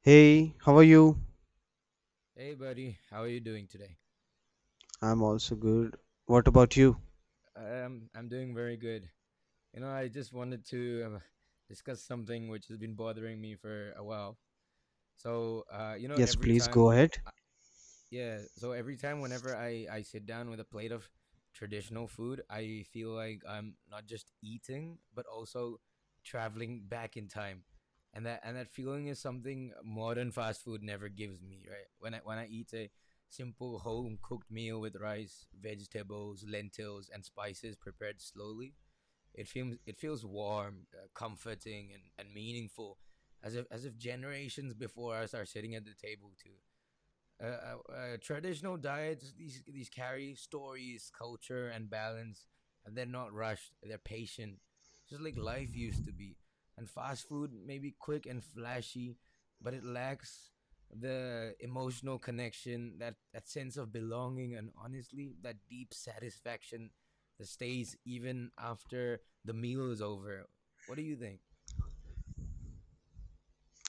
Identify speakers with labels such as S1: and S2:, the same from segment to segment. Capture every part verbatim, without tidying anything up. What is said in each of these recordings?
S1: Hey, how are you?
S2: Hey, buddy. How are you doing today?
S1: I'm also good. What about you?
S2: Um, I'm doing very good. You know, I just wanted to uh, discuss something which has been bothering me for a while. So, uh, you know,
S1: Yes,
S2: every
S1: please
S2: time
S1: go ahead.
S2: yeah. So every time, whenever I I sit down with a plate of traditional food, I feel like I'm not just eating, but also traveling back in time, and that and that feeling is something modern fast food never gives me. Right when I when I eat a simple home cooked meal with rice, vegetables, lentils, and spices prepared slowly, it feels it feels warm, uh, comforting, and and meaningful, as if as if generations before us are sitting at the table to uh, uh, traditional diets these these carry stories, culture, and balance, and they're not rushed. They're patient, just like life used to be. And fast food may be quick and flashy, but it lacks the emotional connection, that that sense of belonging, and honestly, that deep satisfaction that stays even after the meal is over. What do you think?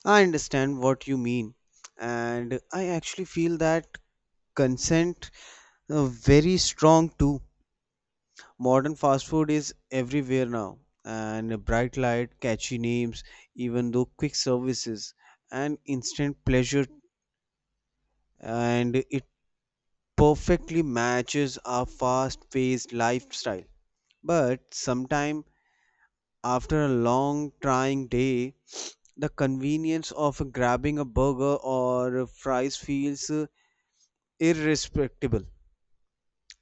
S1: I understand what you mean. And I actually feel that consent uh, very strong too. Modern fast food is everywhere now. And a bright light, catchy names, even though quick services and instant pleasure and it perfectly matches our fast-paced lifestyle. But sometimes after a long, trying day, the convenience of grabbing a burger or fries feels uh, irrespectable.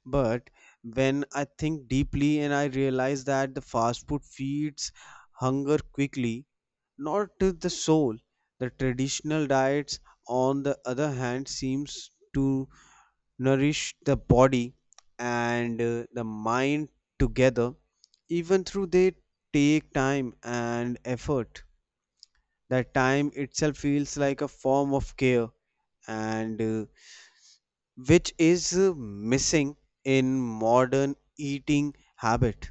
S1: But when I think deeply and I realize that the fast food feeds hunger quickly, not to the soul. The traditional diets, on the other hand, seems to nourish the body and uh, the mind together, even though they take time and effort. That time itself feels like a form of care and uh, which is uh, missing in modern eating habit.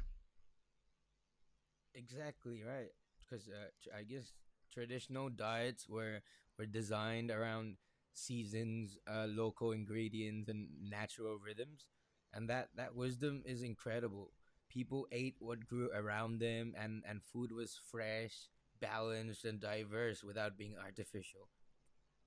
S2: Exactly right, because uh, tr- I guess traditional diets were were designed around seasons, uh, local ingredients, and natural rhythms, and that that wisdom is incredible. People ate what grew around them, and and food was fresh, balanced, and diverse without being artificial.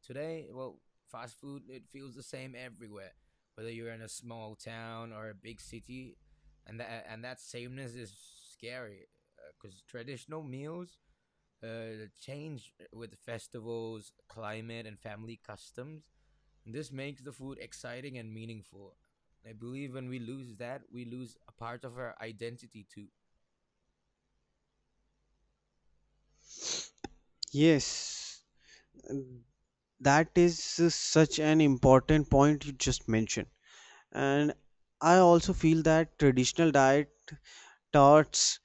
S2: Today, well, fast food it feels the same everywhere, whether you're in a small town or a big city, and that and that sameness is scary because traditional meals uh, change with festivals, climate, and family customs. This makes the food exciting and meaningful. I believe when we lose that, we lose a part of our identity too.
S1: Yes, that is uh, such an important point you just mentioned. And I also feel that traditional diet taught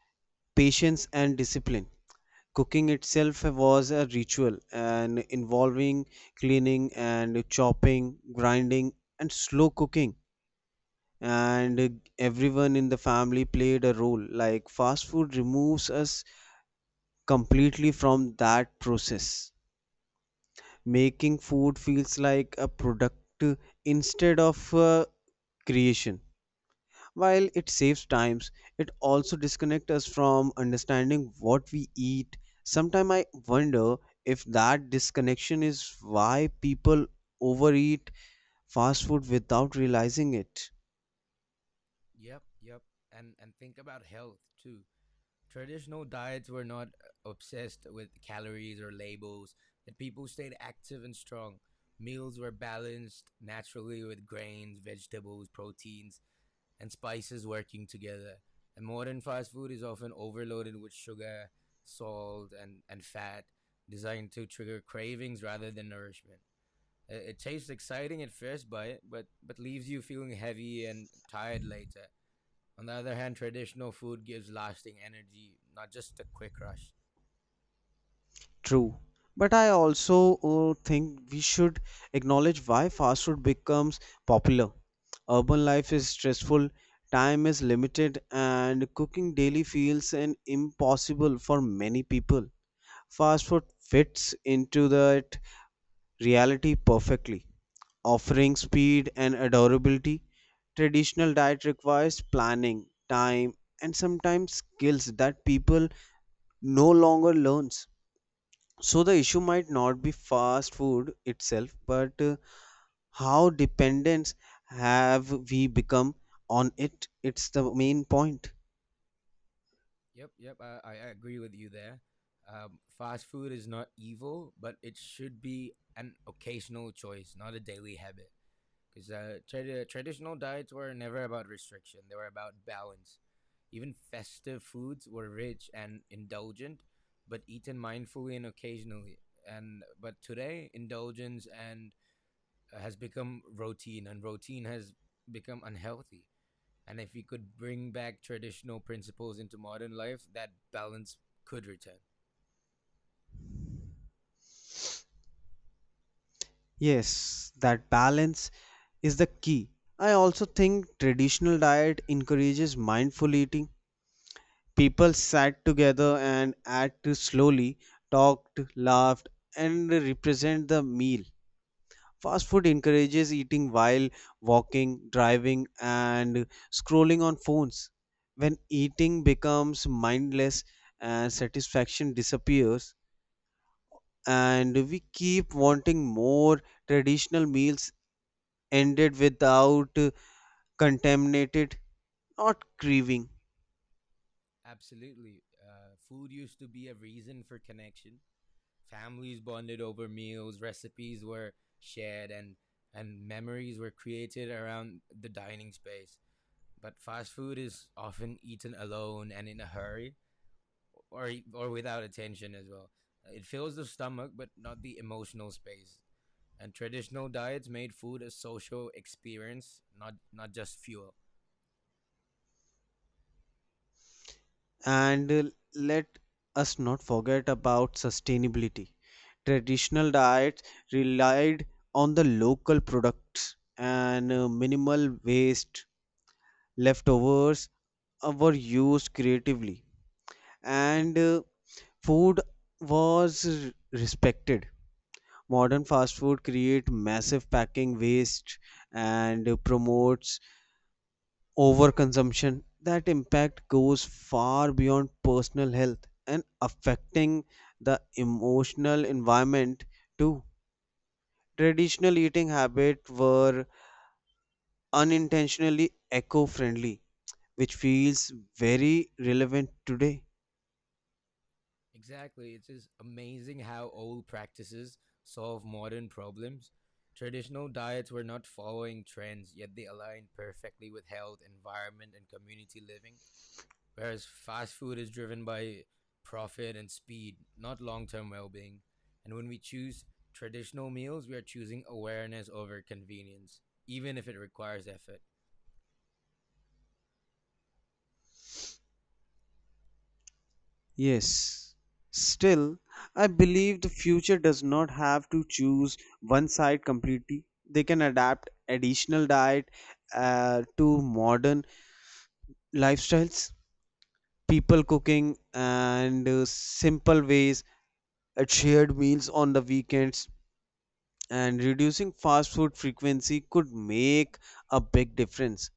S1: patience and discipline. Cooking itself was a ritual and involving cleaning and chopping, grinding, and slow cooking. And everyone in the family played a role. Like fast food removes us completely from that process. Making food feels like a product instead of a creation. While it saves times, it also disconnects us from understanding what we eat. Sometimes I wonder if that disconnection is why people overeat fast food without realizing it.
S2: Yep, yep. And and think about health too. Traditional diets were not uh, obsessed with calories or labels, yet people stayed active and strong. Meals were balanced naturally with grains, vegetables, proteins, and spices working together. And modern fast food is often overloaded with sugar, salt, and, and fat, designed to trigger cravings rather than nourishment. It, it tastes exciting at first bite, but, but leaves you feeling heavy and tired later. On the other hand, traditional food gives lasting energy, not just a quick rush.
S1: True, but I also uh, think we should acknowledge why fast food becomes popular. Urban life is stressful, time is limited, and cooking daily feels an impossible for many people. Fast food fits into that reality perfectly, offering speed and adorability. Traditional diet requires planning, time, and sometimes skills that people no longer learns. So the issue might not be fast food itself, but uh, how dependent have we become on it? It's the main point.
S2: Yep, yep, I, I agree with you there. Um, fast food is not evil, but it should be an occasional choice, not a daily habit. Because uh, tra- traditional diets were never about restriction, they were about balance. Even festive foods were rich and indulgent, but eaten mindfully and occasionally. And but today, indulgence and uh, has become routine, and routine has become unhealthy. And if we could bring back traditional principles into modern life, that balance could return.
S1: Yes, that balance is the key. I also think traditional diet encourages mindful eating. People sat together and ate slowly, talked, laughed, and represent the meal. Fast food encourages eating while walking, driving, and scrolling on phones. When eating becomes mindless and satisfaction disappears, and we keep wanting more traditional meals ended without uh, contaminated, not craving.
S2: Absolutely. Uh, food used to be a reason for connection. Families bonded over meals, recipes were shared, and, and memories were created around the dining space. But fast food is often eaten alone and in a hurry or, or without attention as well. It fills the stomach, but not the emotional space. And traditional diets made food a social experience, not not just fuel.
S1: And uh, let us not forget about sustainability. Traditional diets relied on the local products and uh, minimal waste. Leftovers uh, were used creatively, and uh, food was r- respected. Modern fast food create massive packing waste and uh, promotes overconsumption. That impact goes far beyond personal health and affecting the emotional environment too. Traditional eating habits were unintentionally eco-friendly, which feels very relevant today.
S2: Exactly. It's just amazing how old practices solve modern problems. Traditional diets were not following trends, yet they aligned perfectly with health, environment, and community living. Whereas fast food is driven by profit and speed, not long term well being. And when we choose traditional meals, we are choosing awareness over convenience, even if it requires effort.
S1: Yes, still I believe the future does not have to choose one side completely. They can adapt additional diet uh, to modern lifestyles. People cooking and uh, simple ways at shared meals on the weekends and reducing fast food frequency could make a big difference.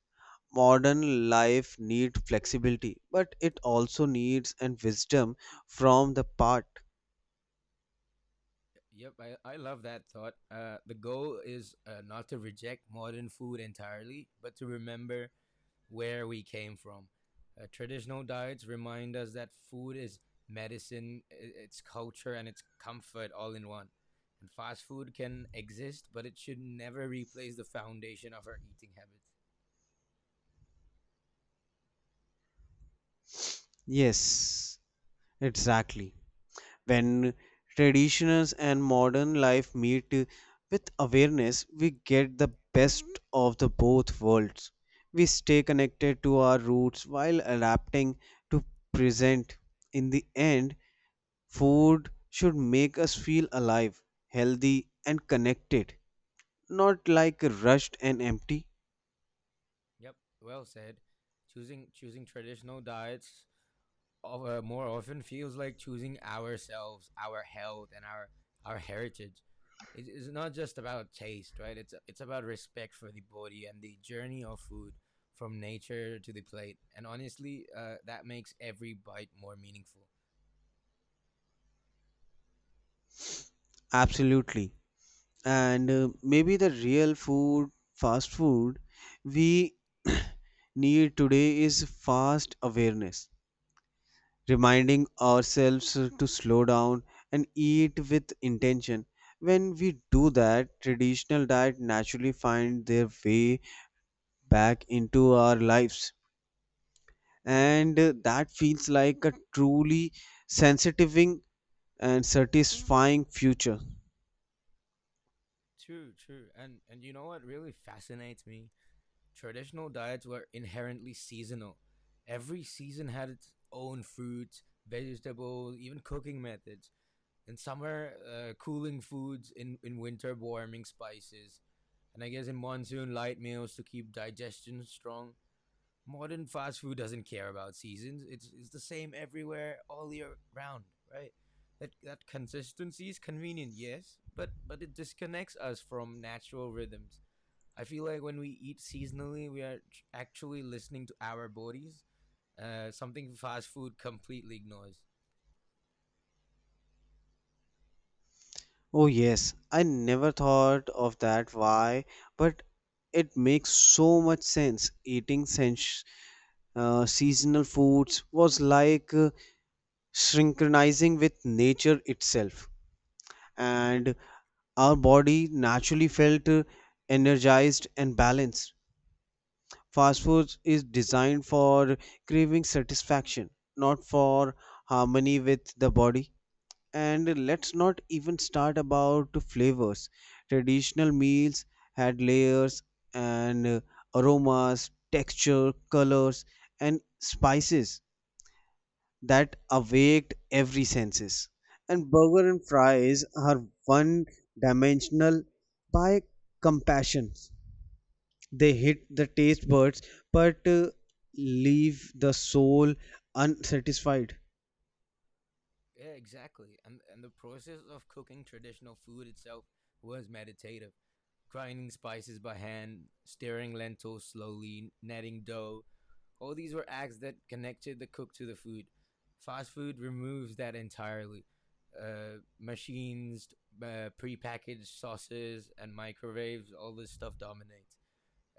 S1: Modern life needs flexibility, but it also needs and wisdom from the part.
S2: Yep, I, I love that thought. Uh, the goal is uh, not to reject modern food entirely, but to remember where we came from. Uh, traditional diets remind us that food is medicine, i- it's culture, and it's comfort all in one. And fast food can exist, but it should never replace the foundation of our eating habits.
S1: Yes, exactly. When traditions and modern life meet with awareness, we get the best of the both worlds. We stay connected to our roots while adapting to present. In the end, food should make us feel alive, healthy and connected, not like rushed and empty.
S2: Yep, well said. Choosing choosing traditional diets uh, more often feels like choosing ourselves, our health, and our our heritage. It is not just about taste, right? It's it's about respect for the body and the journey of food from nature to the plate. And honestly, uh, that makes every bite more meaningful.
S1: Absolutely. and uh, maybe the real food fast food we need today is fast awareness, reminding ourselves to slow down and eat with intention. When we do that, traditional diet naturally find their way back into our lives, and uh, that feels like a truly sensitive and satisfying future.
S2: True, true. And and you know what really fascinates me? Traditional diets were inherently seasonal. Every season had its own fruits, vegetables, even cooking methods. In summer, uh, cooling foods. In in winter, warming spices. And I guess in monsoon, light meals to keep digestion strong. Modern fast food doesn't care about seasons. It's it's the same everywhere all year round, right? That that consistency is convenient, yes, but but it disconnects us from natural rhythms. I feel like when we eat seasonally, we are actually listening to our bodies. Uh, something fast food completely ignores.
S1: Oh, yes, I never thought of that. Why? But it makes so much sense. Eating sens- uh, seasonal foods was like uh, synchronizing with nature itself, and our body naturally felt uh, energized and balanced. Fast food is designed for craving satisfaction, not for harmony with the body. And let's not even start about the flavors. Traditional meals had layers and uh, aromas, texture, colors, and spices that awaked every senses. And burger and fries are one dimensional by compassion. They hit the taste buds, but uh, leave the soul unsatisfied.
S2: Yeah, exactly. And and the process of cooking traditional food itself was meditative. Grinding spices by hand, stirring lentils slowly, netting dough. All these were acts that connected the cook to the food. Fast food removes that entirely. Uh, machines, uh, prepackaged sauces, and microwaves, all this stuff dominates.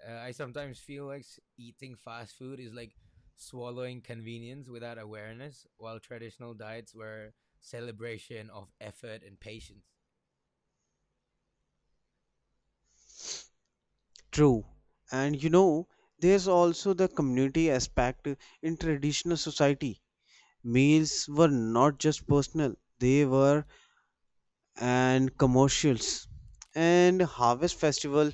S2: Uh, I sometimes feel like eating fast food is like swallowing convenience without awareness, while traditional diets were celebration of effort and patience.
S1: True. And you know, there's also the community aspect in traditional society. Meals were not just personal, they were and commercials. And harvest festival,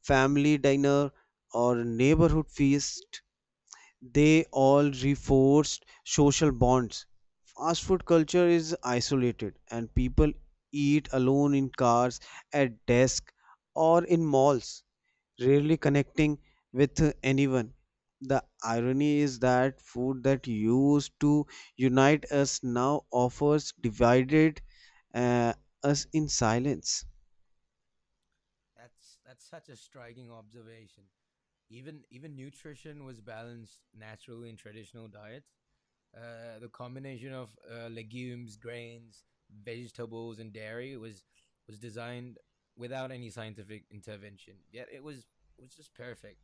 S1: family dinner, or neighborhood feast, they all reinforced social bonds. Fast food culture is isolated, and people eat alone in cars, at desk, or in malls, rarely connecting with anyone. The irony is that food that used to unite us now offers divided uh, us in silence.
S2: That's that's such a striking observation. Even even nutrition was balanced naturally in traditional diets. Uh, the combination of uh, legumes, grains, vegetables, and dairy was was designed without any scientific intervention. Yet it was was just perfect.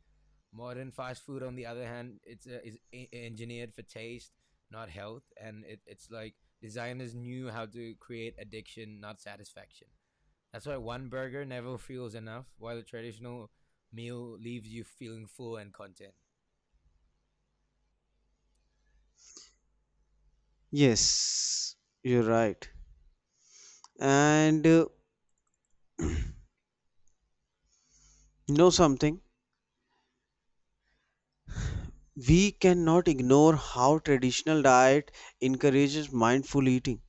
S2: Modern fast food, on the other hand, it's uh, is e- engineered for taste, not health, and it, it's like designers knew how to create addiction, not satisfaction. That's why one burger never feels enough, while the traditional meal leaves you feeling full and content.
S1: Yes, you're right. And uh, know something? We
S2: Yes.
S1: cannot ignore how traditional diet encourages mindful eating.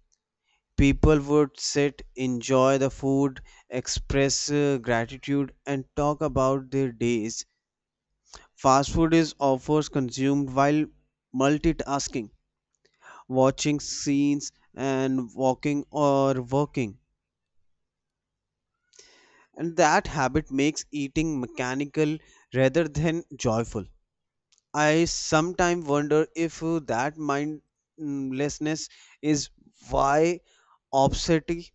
S1: People would sit, enjoy the food, express uh, gratitude, and talk about their days. Fast food is often consumed while multitasking, watching scenes and walking or working. And that habit makes eating mechanical rather than joyful. I sometimes wonder if uh, that mindlessness is why obesity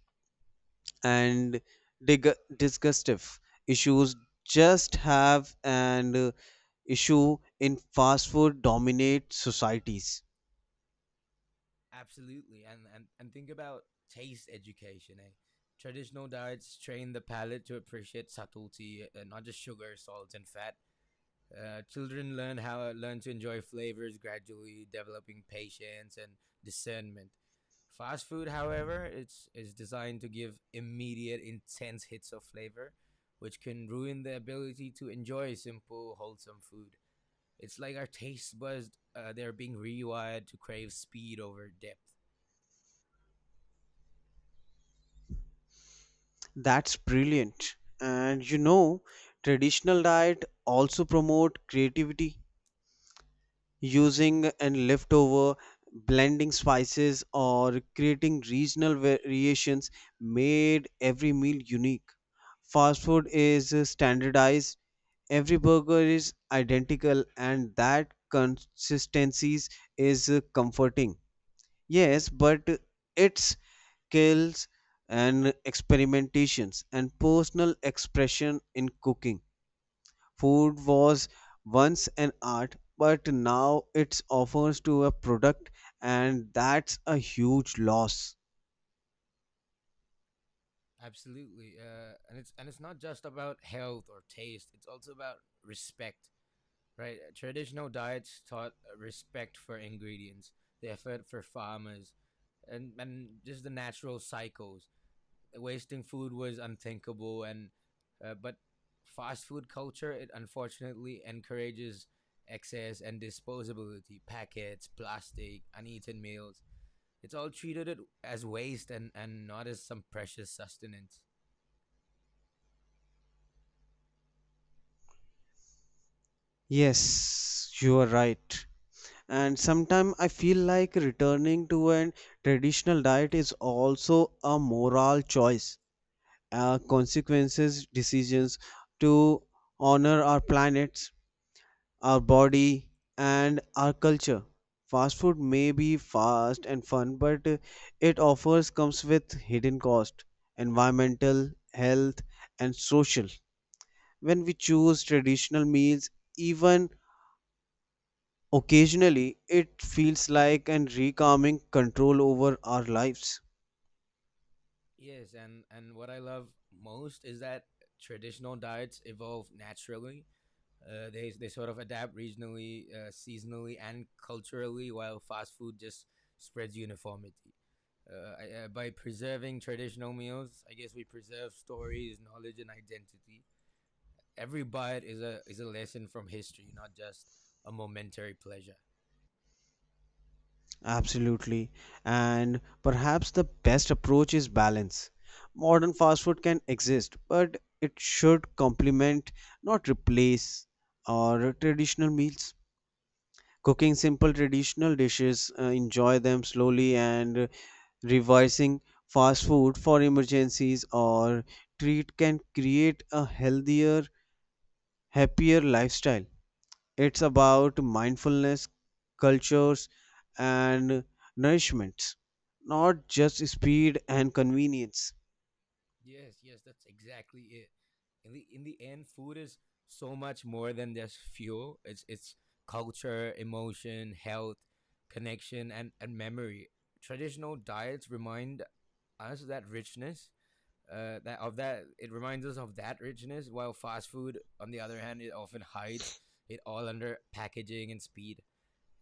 S1: and dig- disgustive issues just have an uh, issue in fast food dominate societies.
S2: Absolutely, and and and think about taste education. Eh? Traditional diets train the palate to appreciate subtlety, uh, not just sugar, salt, and fat. Uh, children learn how learn to enjoy flavors gradually, developing patience and discernment. Fast food, however, it's is designed to give immediate, intense hits of flavor, which can ruin the ability to enjoy simple, wholesome food. It's like our taste buds, uh, they're being rewired to crave speed over depth.
S1: That's brilliant. And you know, traditional diet also promote creativity using and leftover, blending spices or creating regional variations made every meal unique. Fast food is standardized, every burger is identical and that consistencies is comforting. Yes, but it's skills and experimentations and personal expression in cooking. Food was once an art, but now it's offers to a product, and that's a huge loss.
S2: Absolutely, uh, and it's and it's not just about health or taste. It's also about respect, right? Uh, Traditional diets taught uh, respect for ingredients, the effort for farmers, and and just the natural cycles. Wasting food was unthinkable, and uh, but fast food culture it unfortunately encourages excess and disposability, packets, plastic, uneaten meals. It's all treated it as waste and and not as some precious sustenance.
S1: Yes, you are right. And sometimes I feel like returning to a traditional diet is also a moral choice, uh, consequences, decisions to honor our planet, our body, and our culture. Fast food may be fast and fun, but uh, it offers comes with hidden cost, environmental, health, and social. When we choose traditional meals, even occasionally, it feels like an recalming control over our lives.
S2: Yes, and and what I love most is that traditional diets evolve naturally. Uh, they they sort of adapt regionally, uh, seasonally, and culturally, while fast food just spreads uniformity. Uh, I, uh, by preserving traditional meals, I guess we preserve stories, knowledge, and identity. Every bite is a is a lesson from history, not just a momentary pleasure.
S1: Absolutely. And perhaps the best approach is balance. Modern fast food can exist, but it should complement, not replace, our traditional meals. Cooking simple traditional dishes, uh, enjoy them slowly, and uh, revising fast food for emergencies or treat can create a healthier, happier lifestyle. It's about mindfulness, cultures, and nourishments, not just speed and convenience.
S2: Yes, yes, that's exactly it. In the in the end, food is so much more than just fuel. It's it's culture, emotion, health, connection, and and memory. Traditional diets remind us that richness. Uh, that of that It reminds us of that richness, while fast food, on the other hand, it often hides it all under packaging and speed.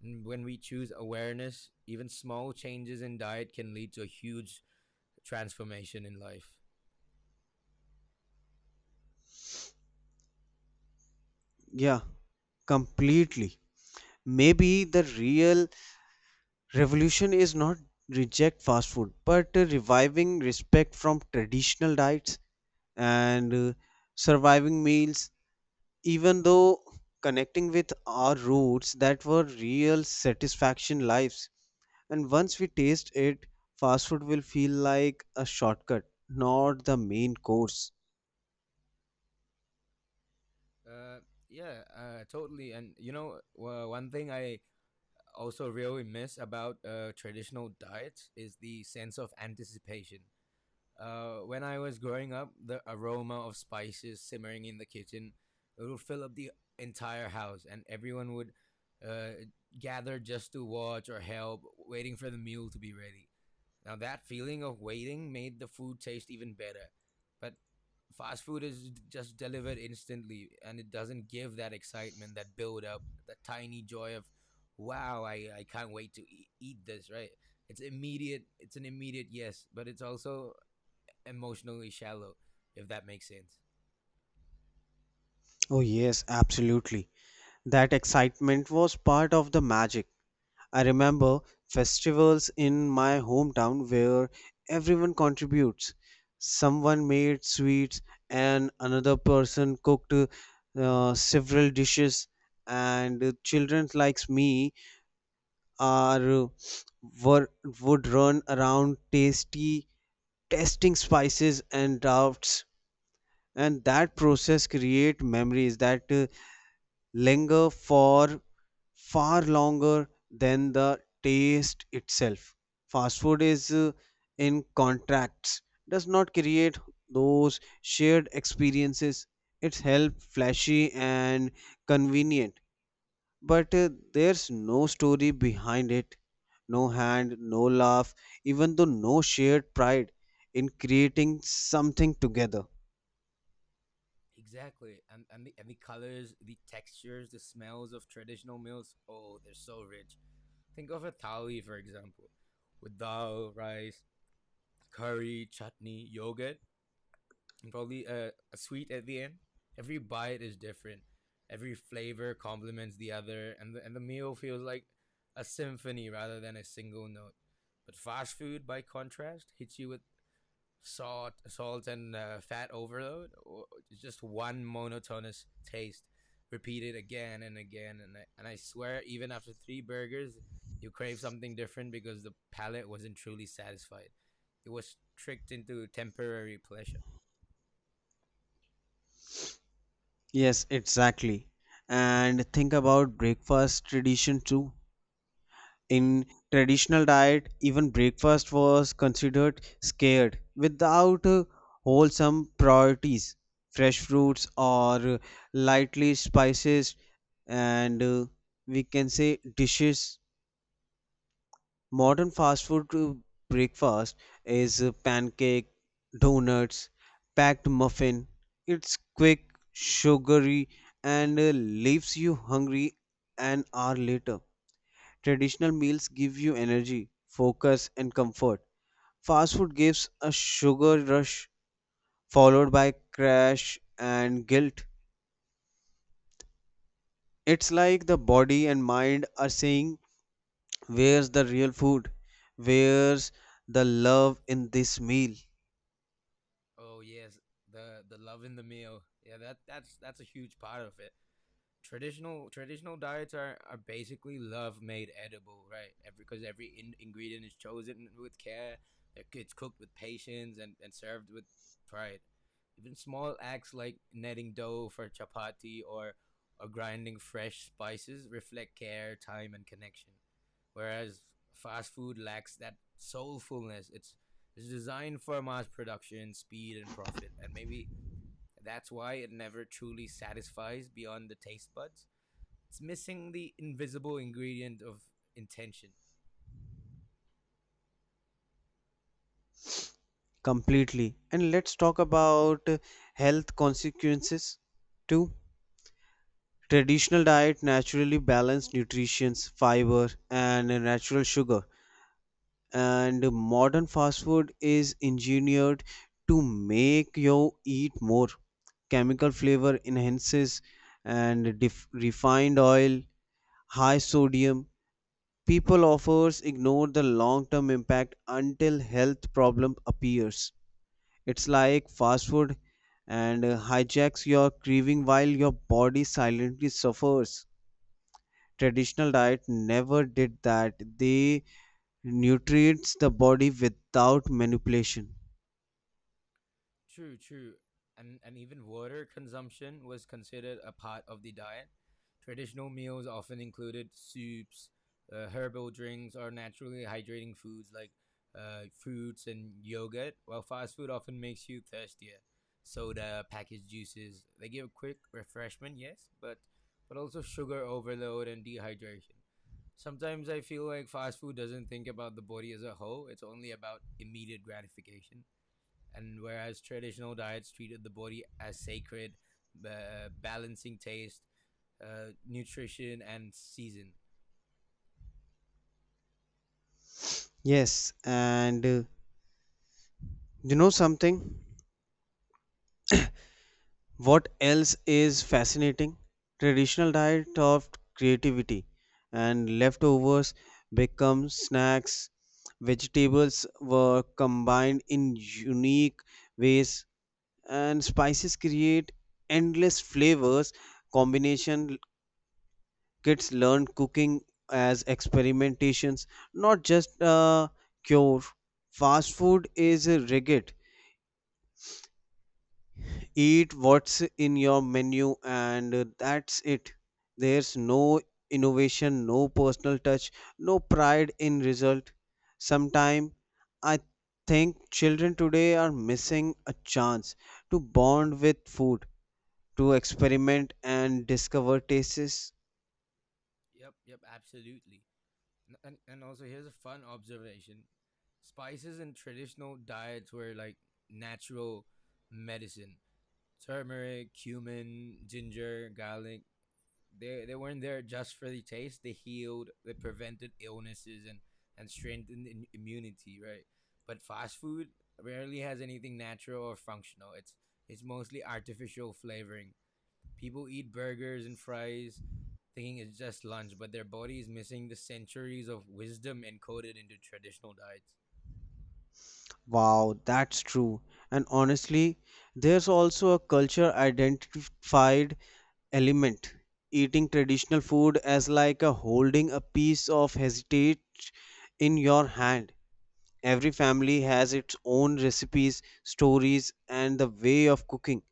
S2: And when we choose awareness, even small changes in diet can lead to a huge transformation in life.
S1: Yeah, completely. Maybe the real revolution is not reject fast food, but uh, reviving respect from traditional diets and uh, surviving meals, even though connecting with our roots that were real satisfaction lives. And once we taste it, fast food will feel like a shortcut, not the main course.
S2: Uh, yeah, uh, Totally. And you know, uh, one thing I also really miss about uh, traditional diets is the sense of anticipation. Uh, when I was growing up, the aroma of spices simmering in the kitchen, it would fill up the entire house, and everyone would uh, gather just to watch or help, waiting for the meal to be ready. Now, that feeling of waiting made the food taste even better. But fast food is just delivered instantly, and it doesn't give that excitement, that build up, that tiny joy of, wow, I, I can't wait to e- eat this, right? It's immediate, it's an immediate yes, but it's also emotionally shallow, if that makes sense.
S1: Oh yes, absolutely. That excitement was part of the magic. I remember festivals in my hometown where everyone contributes. Someone made sweets, and another person cooked uh, several dishes. And children like me are were, would run around tasty testing spices and drafts. And that process create memories that uh, linger for far longer than the taste itself. Fast food is uh, in contracts, does not create those shared experiences. It's help flashy and convenient, but uh, there's no story behind it, no hand, no laugh, even though no shared pride in creating something together.
S2: Exactly. And, and, the, and the colors, the textures, the smells of traditional meals, oh, they're so rich. Think of a thali, for example, with dal, rice, curry, chutney, yogurt, and probably a, a sweet at the end. Every bite is different. Every flavor complements the other, and the, and the meal feels like a symphony rather than a single note. But fast food, by contrast, hits you with salt, salt and uh, fat overload, or just one monotonous taste, repeated again and again. And I, and I swear, even after three burgers, you crave something different because the palate wasn't truly satisfied. It was tricked into temporary pleasure.
S1: Yes, exactly. And think about breakfast tradition too. In traditional diet, even breakfast was considered scared without uh, wholesome priorities. Fresh fruits or lightly spices and uh, we can say dishes. Modern fast food uh, breakfast is uh, pancake, donuts, packed muffin. It's quick, sugary, and uh, leaves you hungry an hour later. Traditional meals give you energy, focus, and comfort. Fast food gives a sugar rush followed by crash and guilt. It's like the body and mind are saying, where's the real food? Where's the love in this meal?
S2: Oh yes, the the love in the meal. Yeah, that that's that's a huge part of it. traditional traditional diets are, are basically love made edible, right? Every Because every in, ingredient is chosen with care. It's cooked with patience, and, and served with pride. Even small acts like netting dough for chapati, or or grinding fresh spices, reflect care, time, and connection. Whereas fast food lacks that soulfulness. It's it's designed for mass production, speed, and profit, and maybe that's why it never truly satisfies beyond the taste buds. It's missing the invisible ingredient of intention.
S1: Completely. And let's talk about uh, health consequences too. Traditional diet naturally balanced nutrients, fiber, and natural sugar. And modern fast food is engineered to make you eat more chemical flavor enhances and def- refined oil, high sodium. People offers ignore the long term impact until health problem appears. It's like fast food and uh, hijacks your craving while your body silently suffers. Traditional diet never did that, they nutrients the body without manipulation.
S2: True, true. And, and even water consumption was considered a part of the diet. Traditional meals often included soups, uh, herbal drinks, or naturally hydrating foods like uh, fruits and yogurt, while fast food often makes you thirstier. Soda, packaged juices, they give a quick refreshment, yes, but, but also sugar overload and dehydration. Sometimes I feel like fast food doesn't think about the body as a whole, it's only about immediate gratification. And whereas traditional diets treated the body as sacred, uh, balancing taste, uh, nutrition, and season.
S1: Yes, and uh, you know something? What else is fascinating? Traditional diet of creativity and leftovers become snacks. Vegetables were combined in unique ways, and spices create endless flavors combination. Kids learn cooking as experimentations, not just a cure. Fast food is uh, rigid. Eat what's in your menu and uh, that's it. There's no innovation, no personal touch, no pride in result. Sometime I think children today are missing a chance to bond with food, to experiment and discover tastes.
S2: Yep, yep, absolutely. And, and, and also, here's a fun observation. Spices in traditional diets were like natural medicine: turmeric, cumin, ginger, garlic. They they weren't there just for the taste. They healed. They prevented illnesses and and strengthened immunity. Right. But fast food rarely has anything natural or functional. It's it's mostly artificial flavoring. People eat burgers and fries thinking it's just lunch, but their body is missing the centuries of wisdom encoded into traditional diets.
S1: Wow, that's true. And honestly, there's also a culture identified element. Eating traditional food as like a holding a piece of heritage in your hand. Every family has its own recipes, stories, and the way of cooking.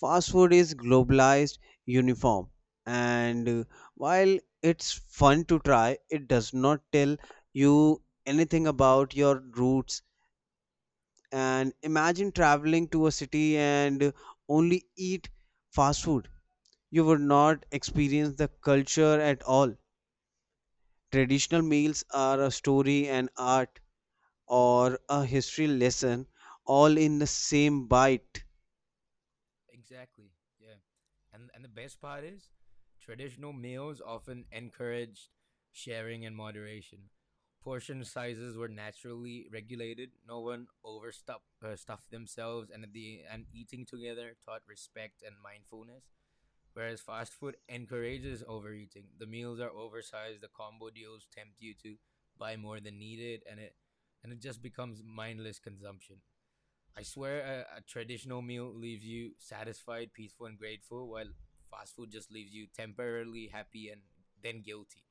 S1: Fast food is globalized, uniform, and uh, while it's fun to try, it does not tell you anything about your roots. And imagine traveling to a city and only eat fast food. You would not experience the culture at all. Traditional meals are a story, an art, or a history lesson all in the same bite.
S2: Exactly. Yeah. And and the best part is, traditional meals often encouraged sharing and moderation. Portion sizes were naturally regulated. No one overstuffed uh, stuffed themselves, and the and eating together taught respect and mindfulness. Whereas fast food encourages overeating. The meals are oversized. The combo deals tempt you to buy more than needed, and it and it just becomes mindless consumption. I swear a, a traditional meal leaves you satisfied, peaceful, and grateful, while fast food just leaves you temporarily happy and then guilty.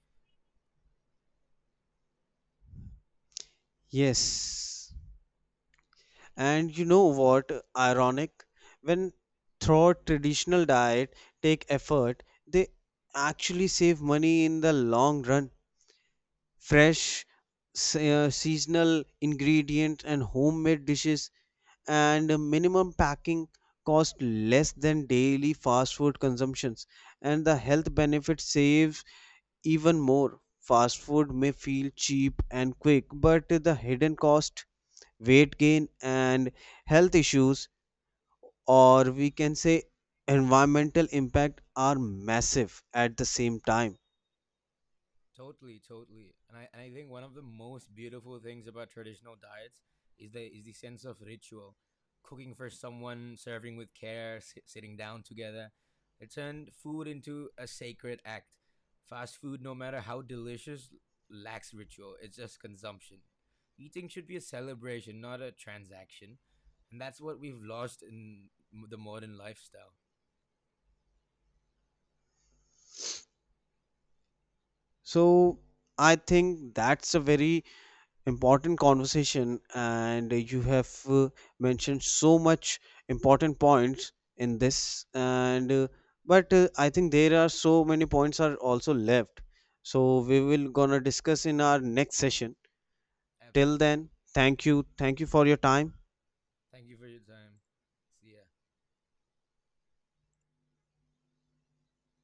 S1: Yes. And you know what? Ironic. When throughout traditional diet take effort, they actually save money in the long run. Fresh se- uh, seasonal ingredients and homemade dishes and minimum packing cost less than daily fast food consumptions. And the health benefit saves even more. Fast food may feel cheap and quick, but the hidden cost, weight gain and health issues, or we can say environmental impact, are massive at the same time.
S2: Totally, totally. And I, and I think one of the most beautiful things about traditional diets is the is the sense of ritual. Cooking for someone, serving with care, s- sitting down together. It turned food into a sacred act. Fast food, no matter how delicious, lacks ritual. It's just consumption. Eating should be a celebration, not a transaction. And that's what we've lost in m- the modern lifestyle.
S1: So I think that's a very important conversation and you have uh, mentioned so much important points in this and uh, but uh, I think there are so many points are also left, so we will gonna discuss in our next session. Till
S2: Absolutely.
S1: then, thank you. Thank you for your time.
S2: Thank you for your time. See ya.